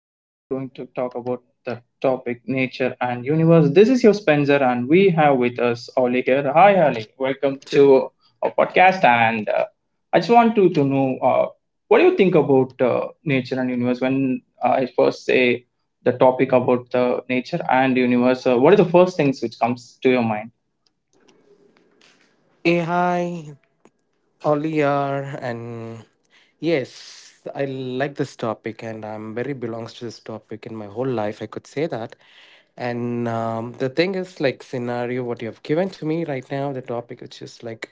Today we're going to talk about the topic nature and universe. This is your Spencer, and we have with us Ollie here. Hi, Ollie. Welcome Welcome to to our podcast. And I just want to know what do you think about nature and universe when I first say the topic about the nature and universe? What are the first things which comes to your mind? AI Oliar. And yes, I like this topic, and I'm very belongs to this topic in my whole life. I could say that. And the thing is, like scenario, what you have given to me right now, the topic which is like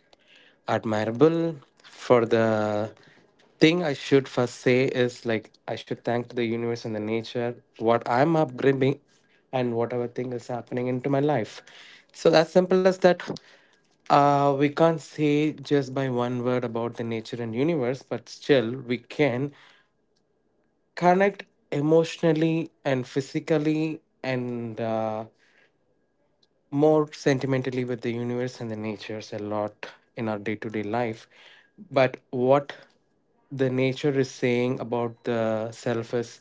admirable for the thing I should first say is like I should thank to the universe and the nature what I'm upgrading and whatever thing is happening into my life. So as simple as that. We can't say just by one word about the nature and universe, but still we can connect emotionally and physically and more sentimentally with the universe and the natures a lot in our day to day life. But what the nature is saying about the self is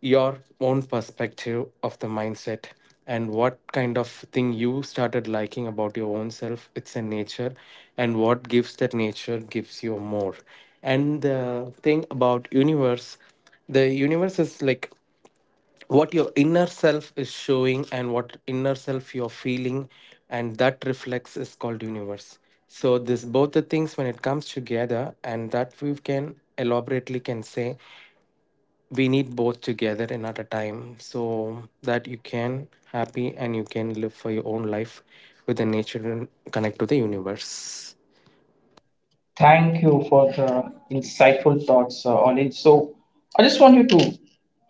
your own perspective of the mindset, and what kind of thing you started liking about your own self it's a nature, and what gives that nature gives you more. And the thing about universe, the universe is like what your inner self is showing and what inner self you're feeling, and that reflects is called universe. So this both the things when it comes together and that we can elaborately can say we need both together and at a time so that you can happy and you can live for your own life with the nature and connect to the universe. Thank you for the insightful thoughts, Ollie. So, I just want you to,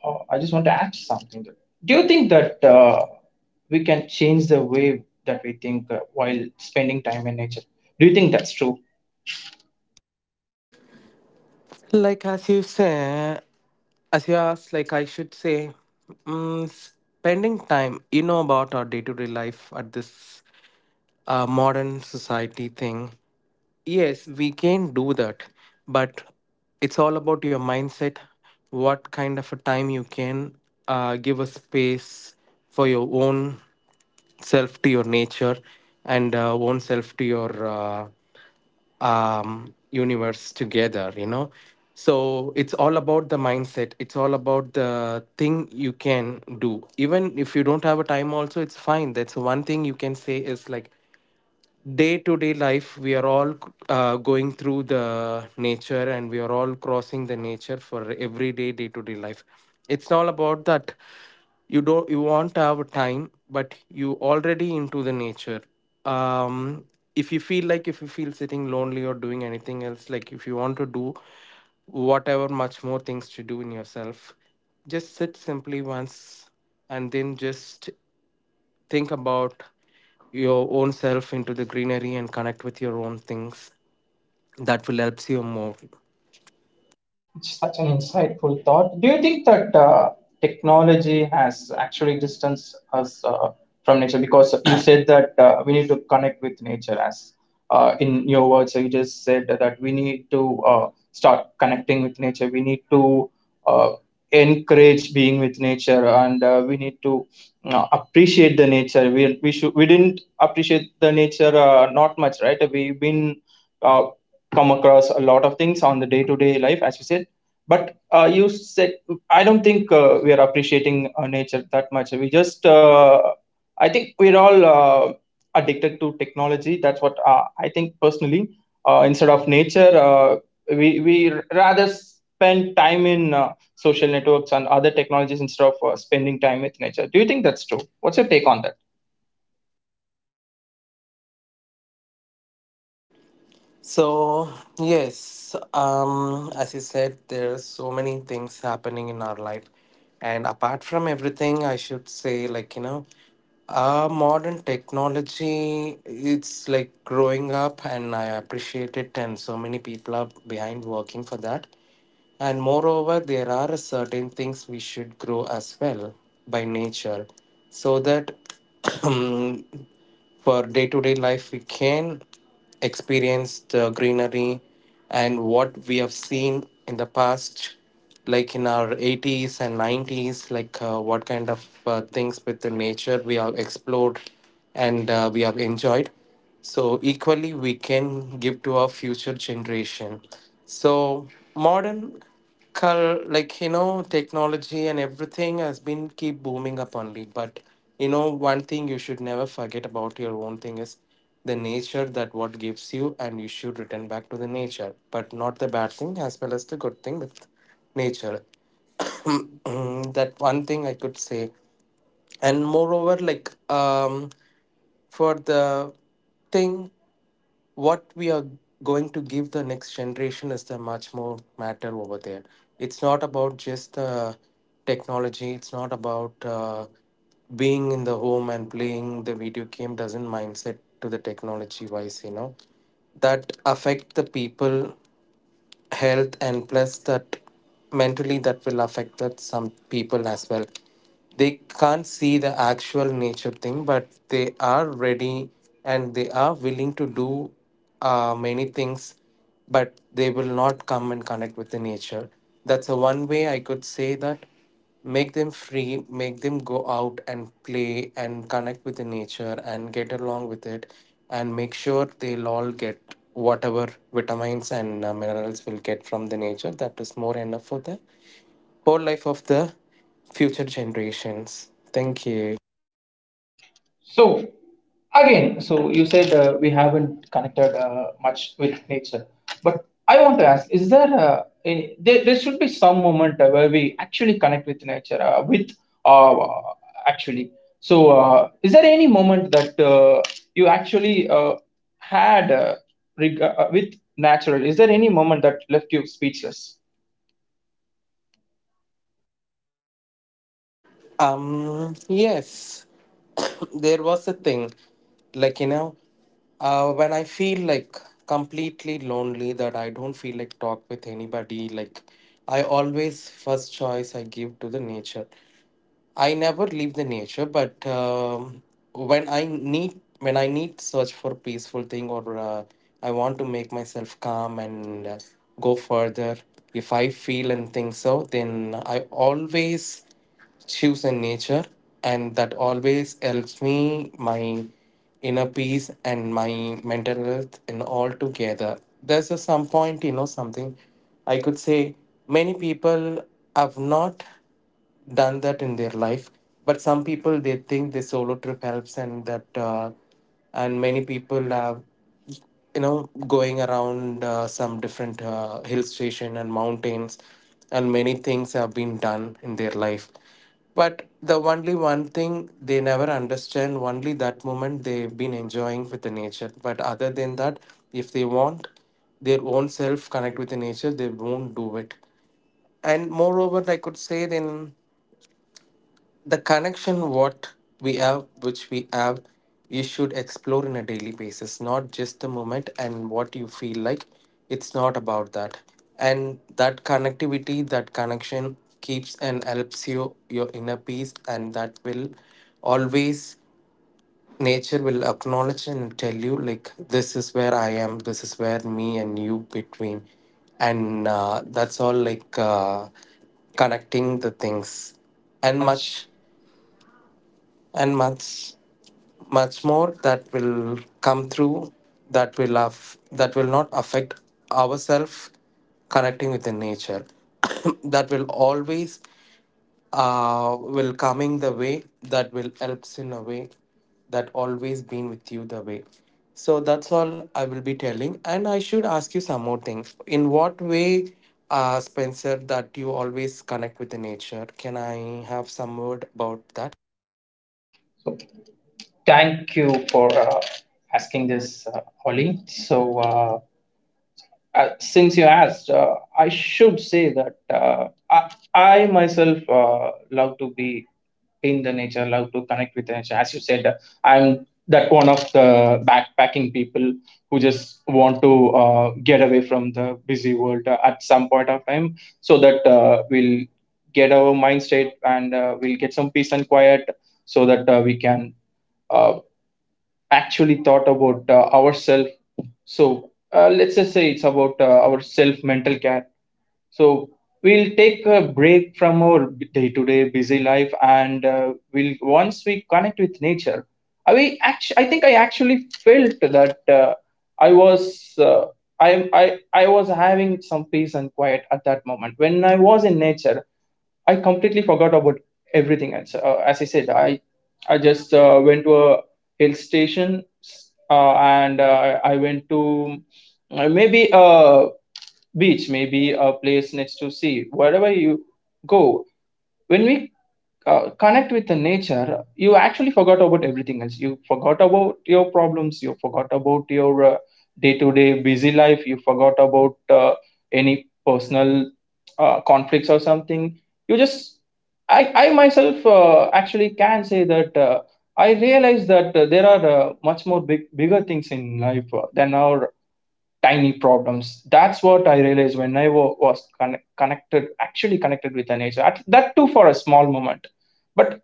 I just want to add something. Do you think that we can change the way that we think while spending time in nature? Do you think that's true? Like as you say, as you asked, like I should say, spending time, you know, about our day-to-day life at this modern society thing, yes we can do that. But it's all about your mindset, what kind of a time you can give a space for your own self to your nature, and own self to your universe together, you know. So it's all about the mindset, it's all about the thing you can do even if you don't have a time also, it's fine. That's one thing you can say is like day to day life, we are all going through the nature and we are all crossing the nature for everyday day to day life. It's all about that you don't you want our time, but you already into the nature. Um, if you feel like if you feel sitting lonely or doing anything else, like if you want to do whatever much more things to do in yourself, just sit simply once and then just think about your own self into the greenery and connect with your own things that will helps you more. It's such an insightful thought. Do you think that technology has actually distanced us from nature? Because you said that we need to connect with nature, as in your words, so you just said that we need to start connecting with nature. We need to uh, encourage being with nature, and we need to appreciate the nature. We didn't appreciate the nature, not much, right? We've been uh, come across a lot of things on the day to day life, as you said. But you said, I don't think we are appreciating nature that much. I think we're all addicted to technology. That's what I think personally. Instead of nature, we rather spend time in social networks and other technologies instead of spending time with nature. Do you think that's true? What's your take on that? So, yes, as you said, there are so many things happening in our life. And apart from everything, I should say, like, you know, modern technology, it's like growing up, and I appreciate it. And so many people are behind working for that. And moreover, there are certain things we should grow as well by nature, so that for day-to-day life we can experience the greenery and what we have seen in the past like in our 80s and 90s, like what kind of things with the nature we have explored and we have enjoyed, so equally we can give to our future generation. So modern like you know technology and everything has been keep booming up only, but you know one thing you should never forget about your own thing is the nature that what gives you, and you should return back to the nature but not the bad thing as well as the good thing with nature. That one thing I could say. And moreover, like for the thing what we are going to give the next generation is the much more matter over there. It's not about just the technology, it's not about being in the home and playing the video game doesn't mindset to the technology wise, you know, that affect the people health and plus that mentally that will affect that some people as well. They can't see the actual nature thing, but they are ready and they are willing to do many things, but they will not come and connect with the nature. That's the one way I could say, that make them free, make them go out and play and connect with the nature and get along with it, and make sure they'll all get whatever vitamins and minerals will get from the nature that is more enough for the whole life of the future generations. Thank you. So again, so you said we haven't connected much with nature, but I want to ask: is there there should be some moment where we actually connect with nature with uh, actually? So is there any moment that you actually had with natural? Is there any moment that left you speechless Yes, there was a thing, like you know, when I feel like completely lonely that I don't feel like talk with anybody, like I always first choice I give to the nature. I never leave the nature, but when I need, when I need search for peaceful thing, or I want to make myself calm and go further. If I feel and think so, then I always choose in nature, and that always helps me, my inner peace and my mental health and all together. There's a some point, you know, something I could say many people have not done that in their life, but some people they think the solo trip helps, and that and many people have, you know, going around some different hill station and mountains and many things have been done in their life. But the only one thing they never understand, only that moment they've been enjoying with the nature, but other than that, if they want their own self connect with the nature, they won't do it. And moreover, I could say then the connection what we have, which we have, you should explore in a daily basis, not just the moment and what you feel like. It's not about that. And that connectivity, that connection keeps and helps you your inner peace, and that will always, nature will acknowledge and tell you, like, this is where I am, this is where me and you between, and that's all, like connecting the things. and And much, much? and much, much more that will come through, that will that will not affect ourselves connecting with the nature. That will always will coming the way that will helps in a way, that always been with you the way. So that's all I will be telling, and I should ask you some more things. In what way, Spencer, that you always connect with the nature? Can I have some word about that? So thank you for asking this, Ollie. So. Since you asked, I should say that I myself love to be in the nature, love to connect with nature. As you said, I'm that one of the backpacking people who just want to get away from the busy world at some point of time, so that we'll get our mind state, and we'll get some peace and quiet, so that we can uh, actually thought about ourselves. So let's just say it's about our self mental care. So we'll take a break from our day to day busy life, and we'll once we connect with nature. I think I actually felt that I was. Uh, I was having some peace and quiet at that moment. When I was in nature, I completely forgot about everything. As I said, I just went to a hill station, and I went to, maybe a beach, maybe a place next to sea, wherever you go. When we connect with the nature, you actually forgot about everything else, you forgot about your problems, you forgot about your day-to-day busy life, you forgot about any personal conflicts or something. You just, I myself actually can say that I realize that there are, much more bigger things in life than our tiny problems. That's what I realized when I was connected, actually connected with the nature. That too for a small moment. But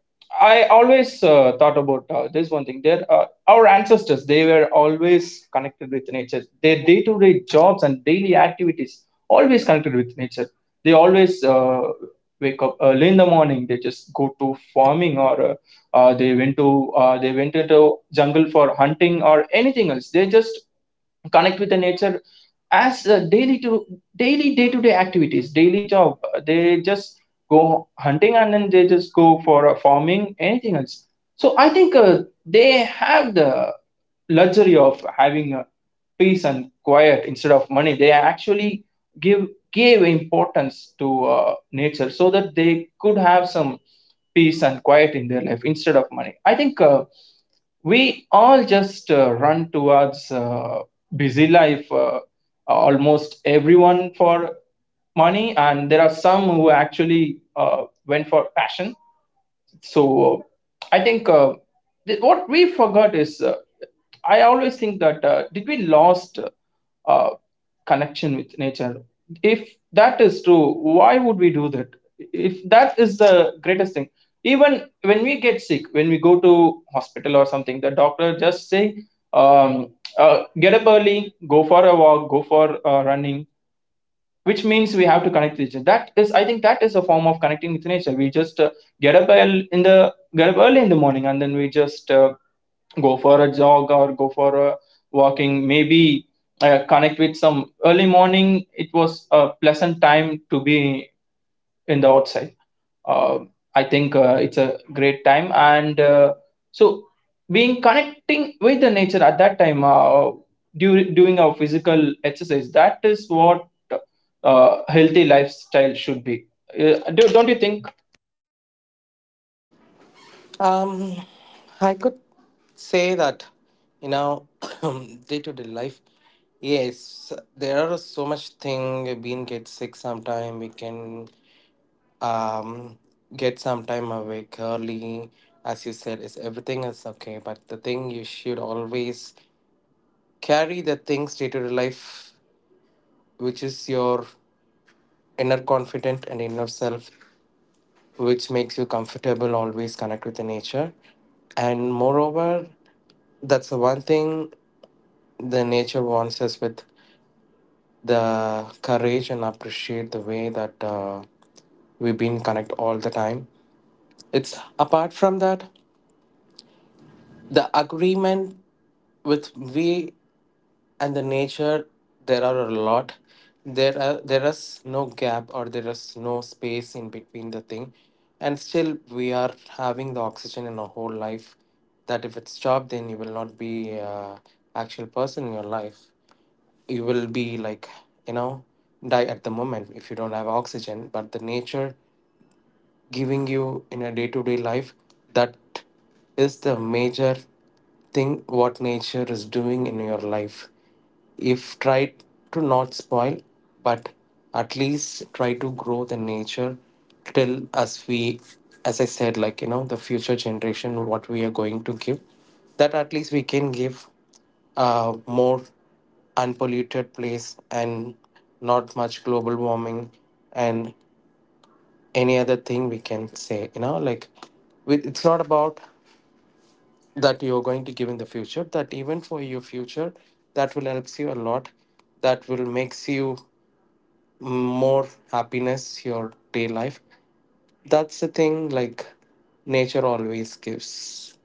I always thought about this one thing there. Our ancestors, they were always connected with nature, their day-to-day jobs and daily activities always connected with nature. They always wake up early in the morning, they just go to farming, or uh, they went to they went into jungle for hunting or anything else. They just connect with the nature as daily to daily day to day activities, daily job. They just go hunting, and then they just go for farming, anything else. So I think they have the luxury of having peace and quiet instead of money. They actually give gave importance to nature, so that they could have some peace and quiet in their life instead of money. I think we all just run towards busy life, almost everyone for money, and there are some who actually went for passion. So I think what we forgot is, I always think that did we lost uh, connection with nature? If that is true, why would we do that if that is the greatest thing? Even when we get sick, when we go to hospital or something, the doctor just say, um, get up early, go for a walk, go for running. Which means we have to connect with nature. That is, I think, that is a form of connecting with nature. We just get up early in the morning, and then we just go for a jog or go for a walking. Maybe connect with some early morning. It was a pleasant time to be in the outside. Uh, I think it's a great time, and so being connecting with the nature at that time during doing our physical exercise. That is what healthy lifestyle should be. Don't you think? Um, I could say that, you know, day to day life, yes, there are so much thing. Being get sick sometime, we can um get sometime awake early. As you said, is everything is okay. But the thing you should always carry the things day to day life, which is your inner confident and inner self, which makes you comfortable, always connect with the nature. And moreover, that's the one thing the nature wants us with the courage and appreciate the way that we've been connect all the time. It's apart from that, the agreement with we and the nature, there are a lot, there are, there is no gap, or there is no space in between the thing, and still we are having the oxygen in our whole life that if it's stopped, then you will not be actual person in your life. You will be like, you know, die at the moment if you don't have oxygen, but the nature giving you in a day-to-day life, that is the major thing what nature is doing in your life. If try to not spoil, but at least try to grow the nature, till as we, as I said, like you know, the future generation what we are going to give, that at least we can give a more unpolluted place and not much global warming and any other thing we can say, you know, like, with, it's not about that you're going to give in the future, that even for your future that will helps you a lot, that will makes you more happiness your day life. That's the thing, like nature always gives.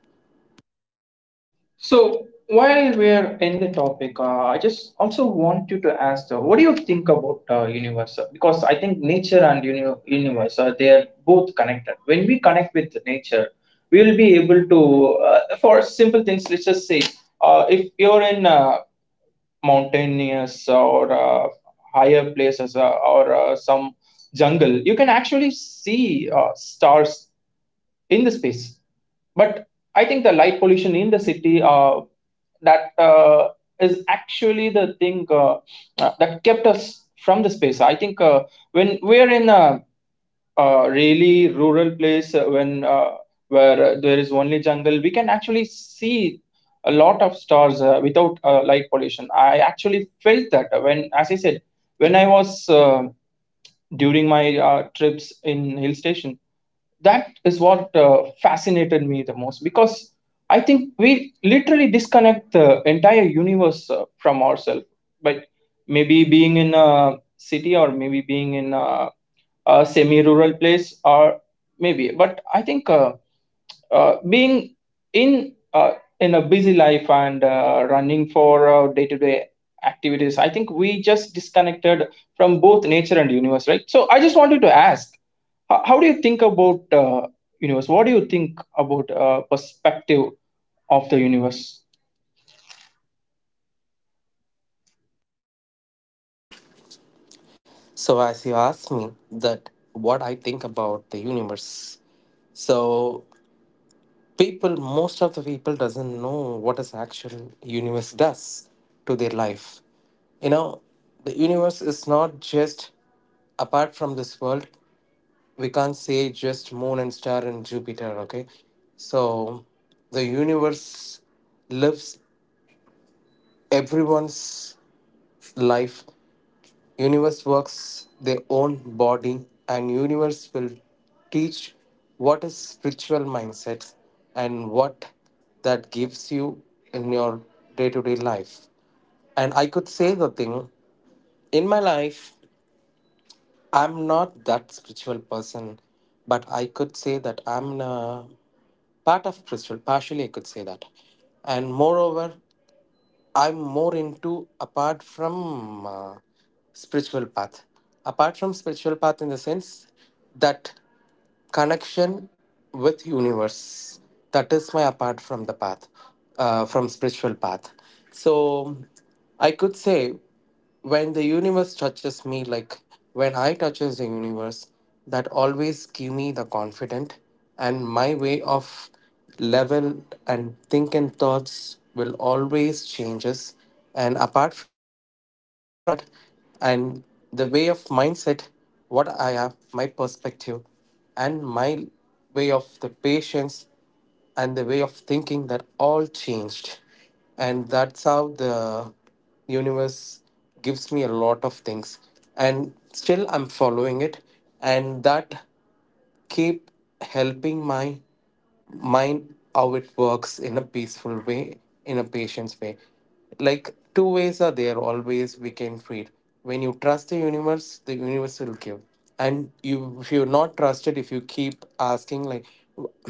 So while we're in the topic, I just also want you to ask, what do you think about universe? Because I think nature and universe, they are both connected. When we connect with nature, we will be able to, for simple things, let's just say, if you're in mountainous or higher places or some jungle, you can actually see stars in the space. But I think the light pollution in the city, that is actually the thing that kept us from the space. I think when we're in a really rural place, when where there is only jungle, we can actually see a lot of stars without light pollution. I actually felt that when, as I said, when I was during my trips in hill station. That is what fascinated me the most, because I think we literally disconnect the entire universe from ourselves. But maybe being in a city, or maybe being in a semi rural place, or maybe. But I think being in uh, in a busy life, and running for day-to-day activities, I think we just disconnected from both nature and universe, right? So I just wanted to ask, how do you think about universe? What do you think about perspective of the universe? So as you asked me that what I think about the universe, so people, most of the people doesn't know what is actual universe does to their life, you know. The universe is not just apart from this world, we can't say just moon and star and Jupiter, okay. So the universe lives everyone's life. Universe works their own body, and universe will teach what is spiritual mindset and what that gives you in your day-to-day life. And I could say the thing in my life, I'm not that spiritual person, but I could say that I'm in a part of spiritual. Partially, I could say that, and moreover, I'm more into apart from spiritual path. Apart from spiritual path, in the sense that connection with universe, that is my apart from the path from spiritual path. So I could say, when the universe touches me, like when I touches the universe, that always give me the confident, and my way of level and think and thoughts will always changes. And apart from that, and the way of mindset, what I have, my perspective, and my way of the patience and the way of thinking, that all changed. And that's how the universe gives me a lot of things, and still I'm following it, and that keep helping my mind how it works in a peaceful way, in a patient's way. Like two ways are there always we can treat. When you trust the universe will give. And you, if you're not trusted, if you keep asking like wh-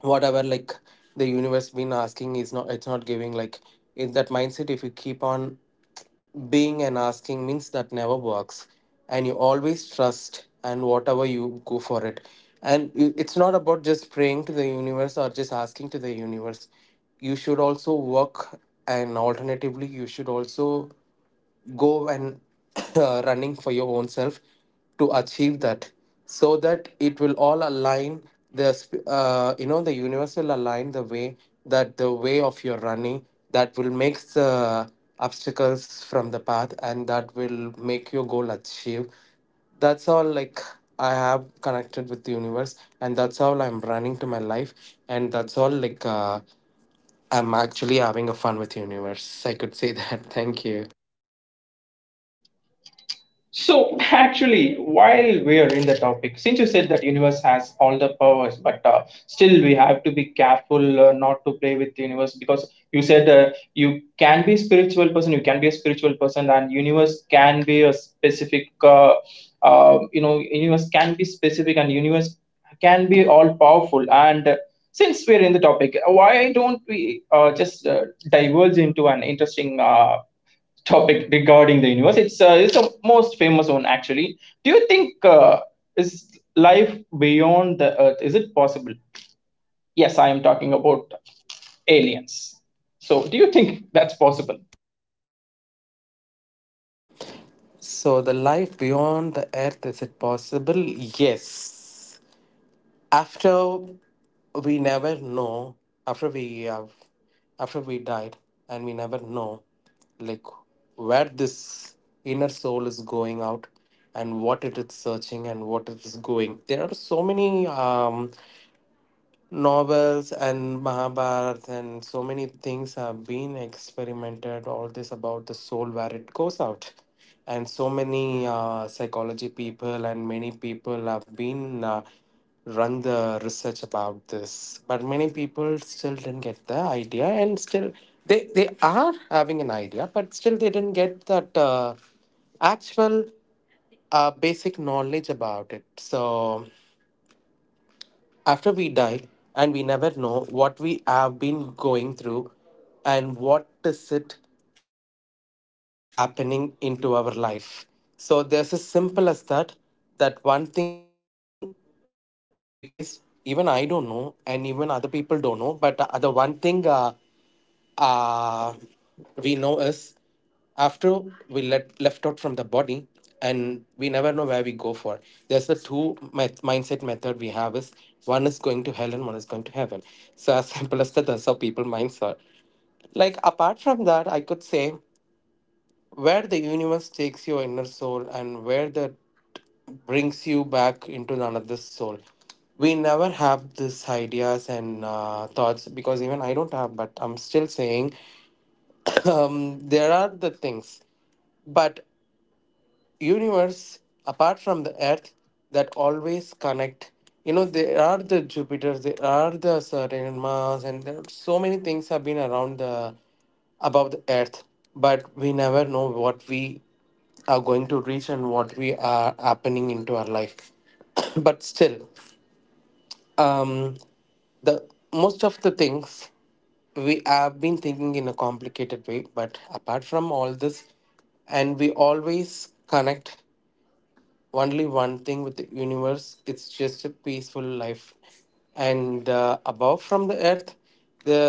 whatever, like the universe been asking is not, it's not giving, like in that mindset if you keep on being and asking means, that never works. And you always trust and whatever you go for it, and it's not about just praying to the universe or just asking to the universe, you should also work. And alternatively you should also go and running for your own self to achieve that, so that it will all align. You know, the universe will align the way, that the way of your running, that will make the obstacles from the path, and that will make your goal achieve. That's all, like I have connected with the universe, and that's all I'm running to my life. And that's all, like I'm actually having a fun with universe, I could say that. Thank you. So actually, while we're in the topic, since you said that universe has all the powers, but still we have to be careful not to play with the universe, because you said you can be spiritual person, you can be a spiritual person, and universe can be a specific, universe can be specific, and universe can be all powerful. And since we're in the topic, why don't we just diverge into an interesting topic regarding the universe. It's the most famous one, actually. Do you think is life beyond the Earth? Is it possible? Yes, I am talking about aliens. So, do you think that's possible? So, the life beyond the earth, is it possible? Yes. After we never know, after we have, after we died, and we never know, like where this inner soul is going out and what it is searching and what it is going. There are so many. Novels and Mahabharat and so many things have been experimented. All this about the soul where it goes out, and so many psychology people and many people have been run the research about this, but many people still didn't get the idea, and still they are having an idea, but still they didn't get that actual basic knowledge about it. So. After we die, and we never know what we have been going through and what is it happening into our life. So there's as simple as that. That one thing we can say is, even I don't know, and even other people don't know. But the one thing uh, we know is, after we let left out from the body, and we never know where we go for. There's the two mindset method we have is, one is going to hell and one is going to heaven. So as simple as that, that's how people minds are. Like apart from that I could say, where the universe takes your inner soul and where that brings you back into another soul, we never have these ideas and thoughts, because even I don't have, but I'm still saying. There are the things, but universe apart from the earth, that always connect. You know, there are the jupiters, there are the certain mars, and there are so many things have been around the above the earth. But we never know what we are going to reach and what we are happening into our life. But still, um the most of the things we have been thinking in a complicated way, but apart from all this, and we always connect only one thing with the universe. It's just a peaceful life. And above from the earth, the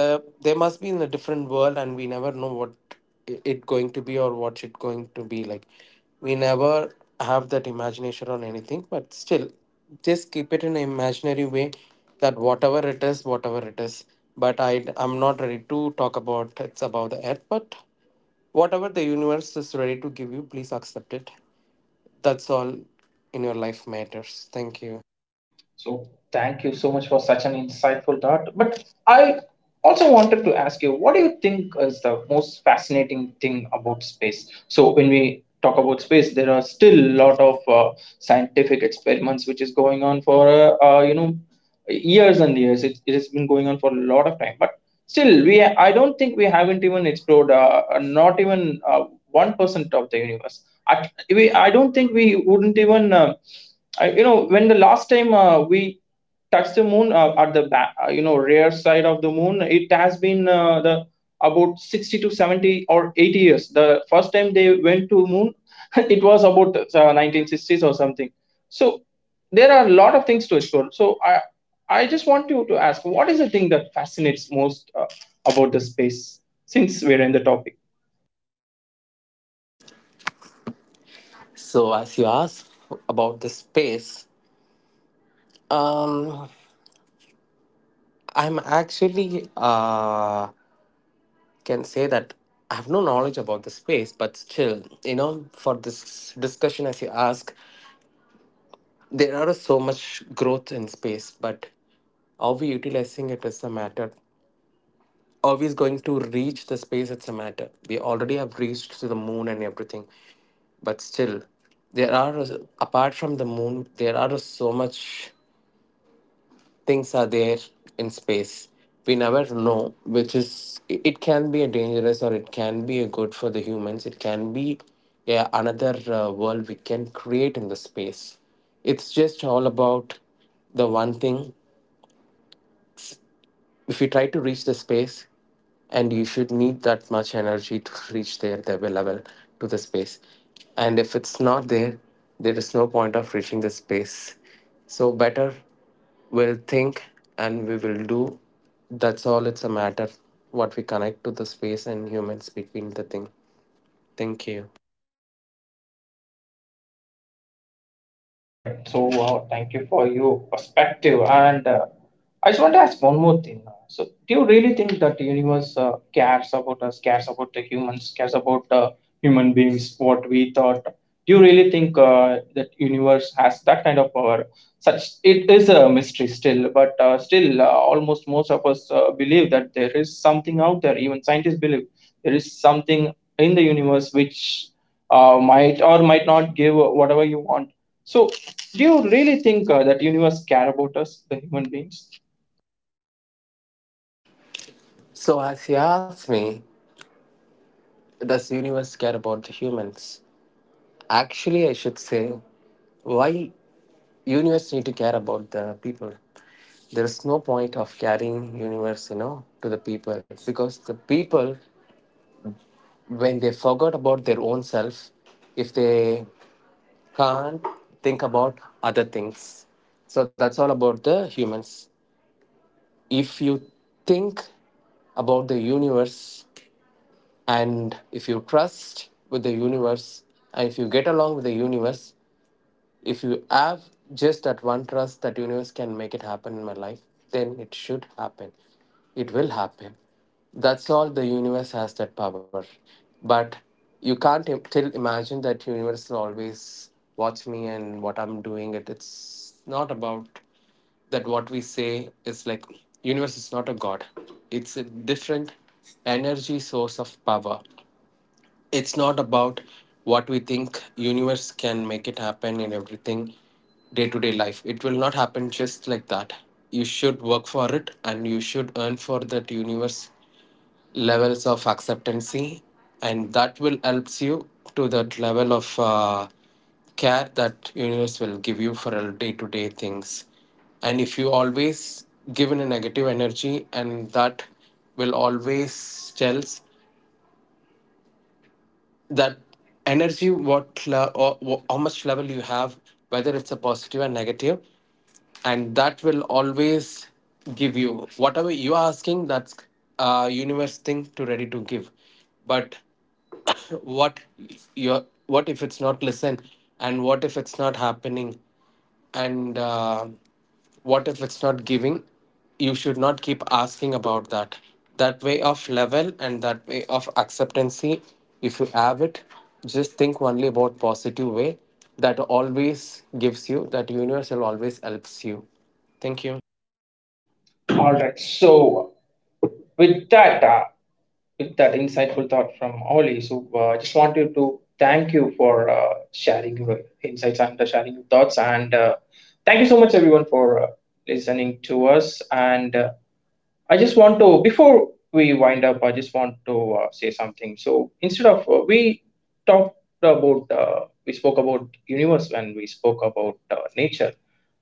there must be in a different world, and we never know what it going to be or what it going to be like. We never have that imagination on anything, but still just keep it in an imaginary way, that whatever it is, whatever it is. But I'm not ready to talk about, it's about the earth. But whatever the universe is ready to give you, please accept it. That's all in your life matters. Thank you. So, thank you so much for such an insightful thought. But I also wanted to ask you, what do you think is the most fascinating thing about space? So, when we talk about space, there are still a lot of scientific experiments which is going on for years and years. It has been going on for a lot of time, but still we I don't think we haven't even explored not even 1% of the universe. I don't think we wouldn't even you know when the last time we touched the moon at the back, you know, rear side of the moon. It has been the about 60 to 70 or 80 years the first time they went to moon. It was about 1960s or something. So there are a lot of things to explore. So I just want you to ask, what is the thing that fascinates most about the space, since we're in the topic? So as you asked about the space, um I'm actually can say that I have no knowledge about the space. But still, you know, for this discussion as you ask, there are so much growth in space, but are we utilizing it as a matter? Are we going to reach the space? It's a matter. We already have reached to the moon and everything, but still there are, apart from the moon, there are so much things are there in space. We never know which is it, can be a dangerous or it can be a good for the humans. It can be, yeah, another world we can create in the space. It's just all about the one thing. If we try to reach the space, and you should need that much energy to reach there the level to the space, and if it's not there, there is no point of reaching the space. So better we'll think and we will do. That's all. It's a matter what we connect to the space and humans between the thing. Thank you. All right. So, thank you for your perspective. And I just want to ask one more thing. So do you really think that the universe cares about us, cares about the humans, cares about human beings, what we thought? Do you really think that universe has that kind of power? Such it is a mystery still, but still almost most of us believe that there is something out there. Even scientists believe there is something in the universe which might or might not give whatever you want. So, do you really think that universe care about us, the human beings? So as you asked me, does universe care about the humans? Actually I should say, why universe need to care about the people? There is no point of carrying universe, you know, to the people, because the people, when they forgot about their own self, if they can't think about other things. So that's all about the humans. If you think about the universe, and if you trust with the universe, and if you get along with the universe, if you have just that one trust that universe can make it happen in my life, then it should happen. It will happen. That's all. The universe has that power. But you can't still imagine that universe will always watch me and what I'm doing. It, it's not about that. What we say is, like, universe is not a god. It's a different energy source of power. It's not about what we think universe can make it happen in everything day to day life. It will not happen just like that. You should work for it, and you should earn for that universe levels of acceptancy. And that will helps you to that level of care that universe will give you for day to day things. And if you always given a negative energy, and that will always tells that energy what or how much level you have, whether it's a positive or negative, and that will always give you whatever you are asking. That's a universe thing to ready to give. But what your, what if it's not listened, and what if it's not happening, and what if it's not giving, you should not keep asking about that. That way of level and that way of acceptancy, if you have it, just think only about positive way. That always gives you, that universal always helps you. Thank you. All right. So, with that, uh, with that insightful thought from Ollie, so I just want you to thank you for sharing your insights and sharing your thoughts, and thank you so much, everyone, for listening to us and. I just want to, Before we wind up, I just want to say something. So instead of, we talked about, we spoke about universe, and we spoke about nature.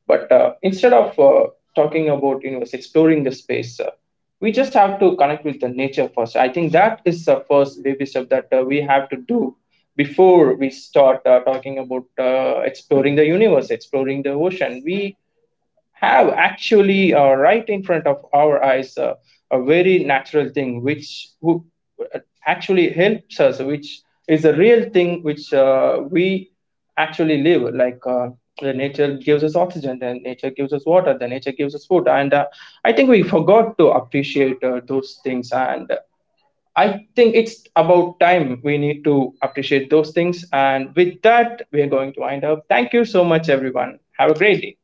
But instead of talking about universe, exploring the space, we just have to connect with the nature first. I think that is the first baby step that we have to do before we start talking about exploring the universe, exploring the ocean. We have actually right in front of our eyes a very natural thing which actually helps us, which is a real thing, which we actually live like. The nature gives us oxygen, then nature gives us water, then nature gives us food. And I think we forgot to appreciate those things. And I think it's about time we need to appreciate those things, and with that we are going to wind up. Thank you so much, everyone, have a great day.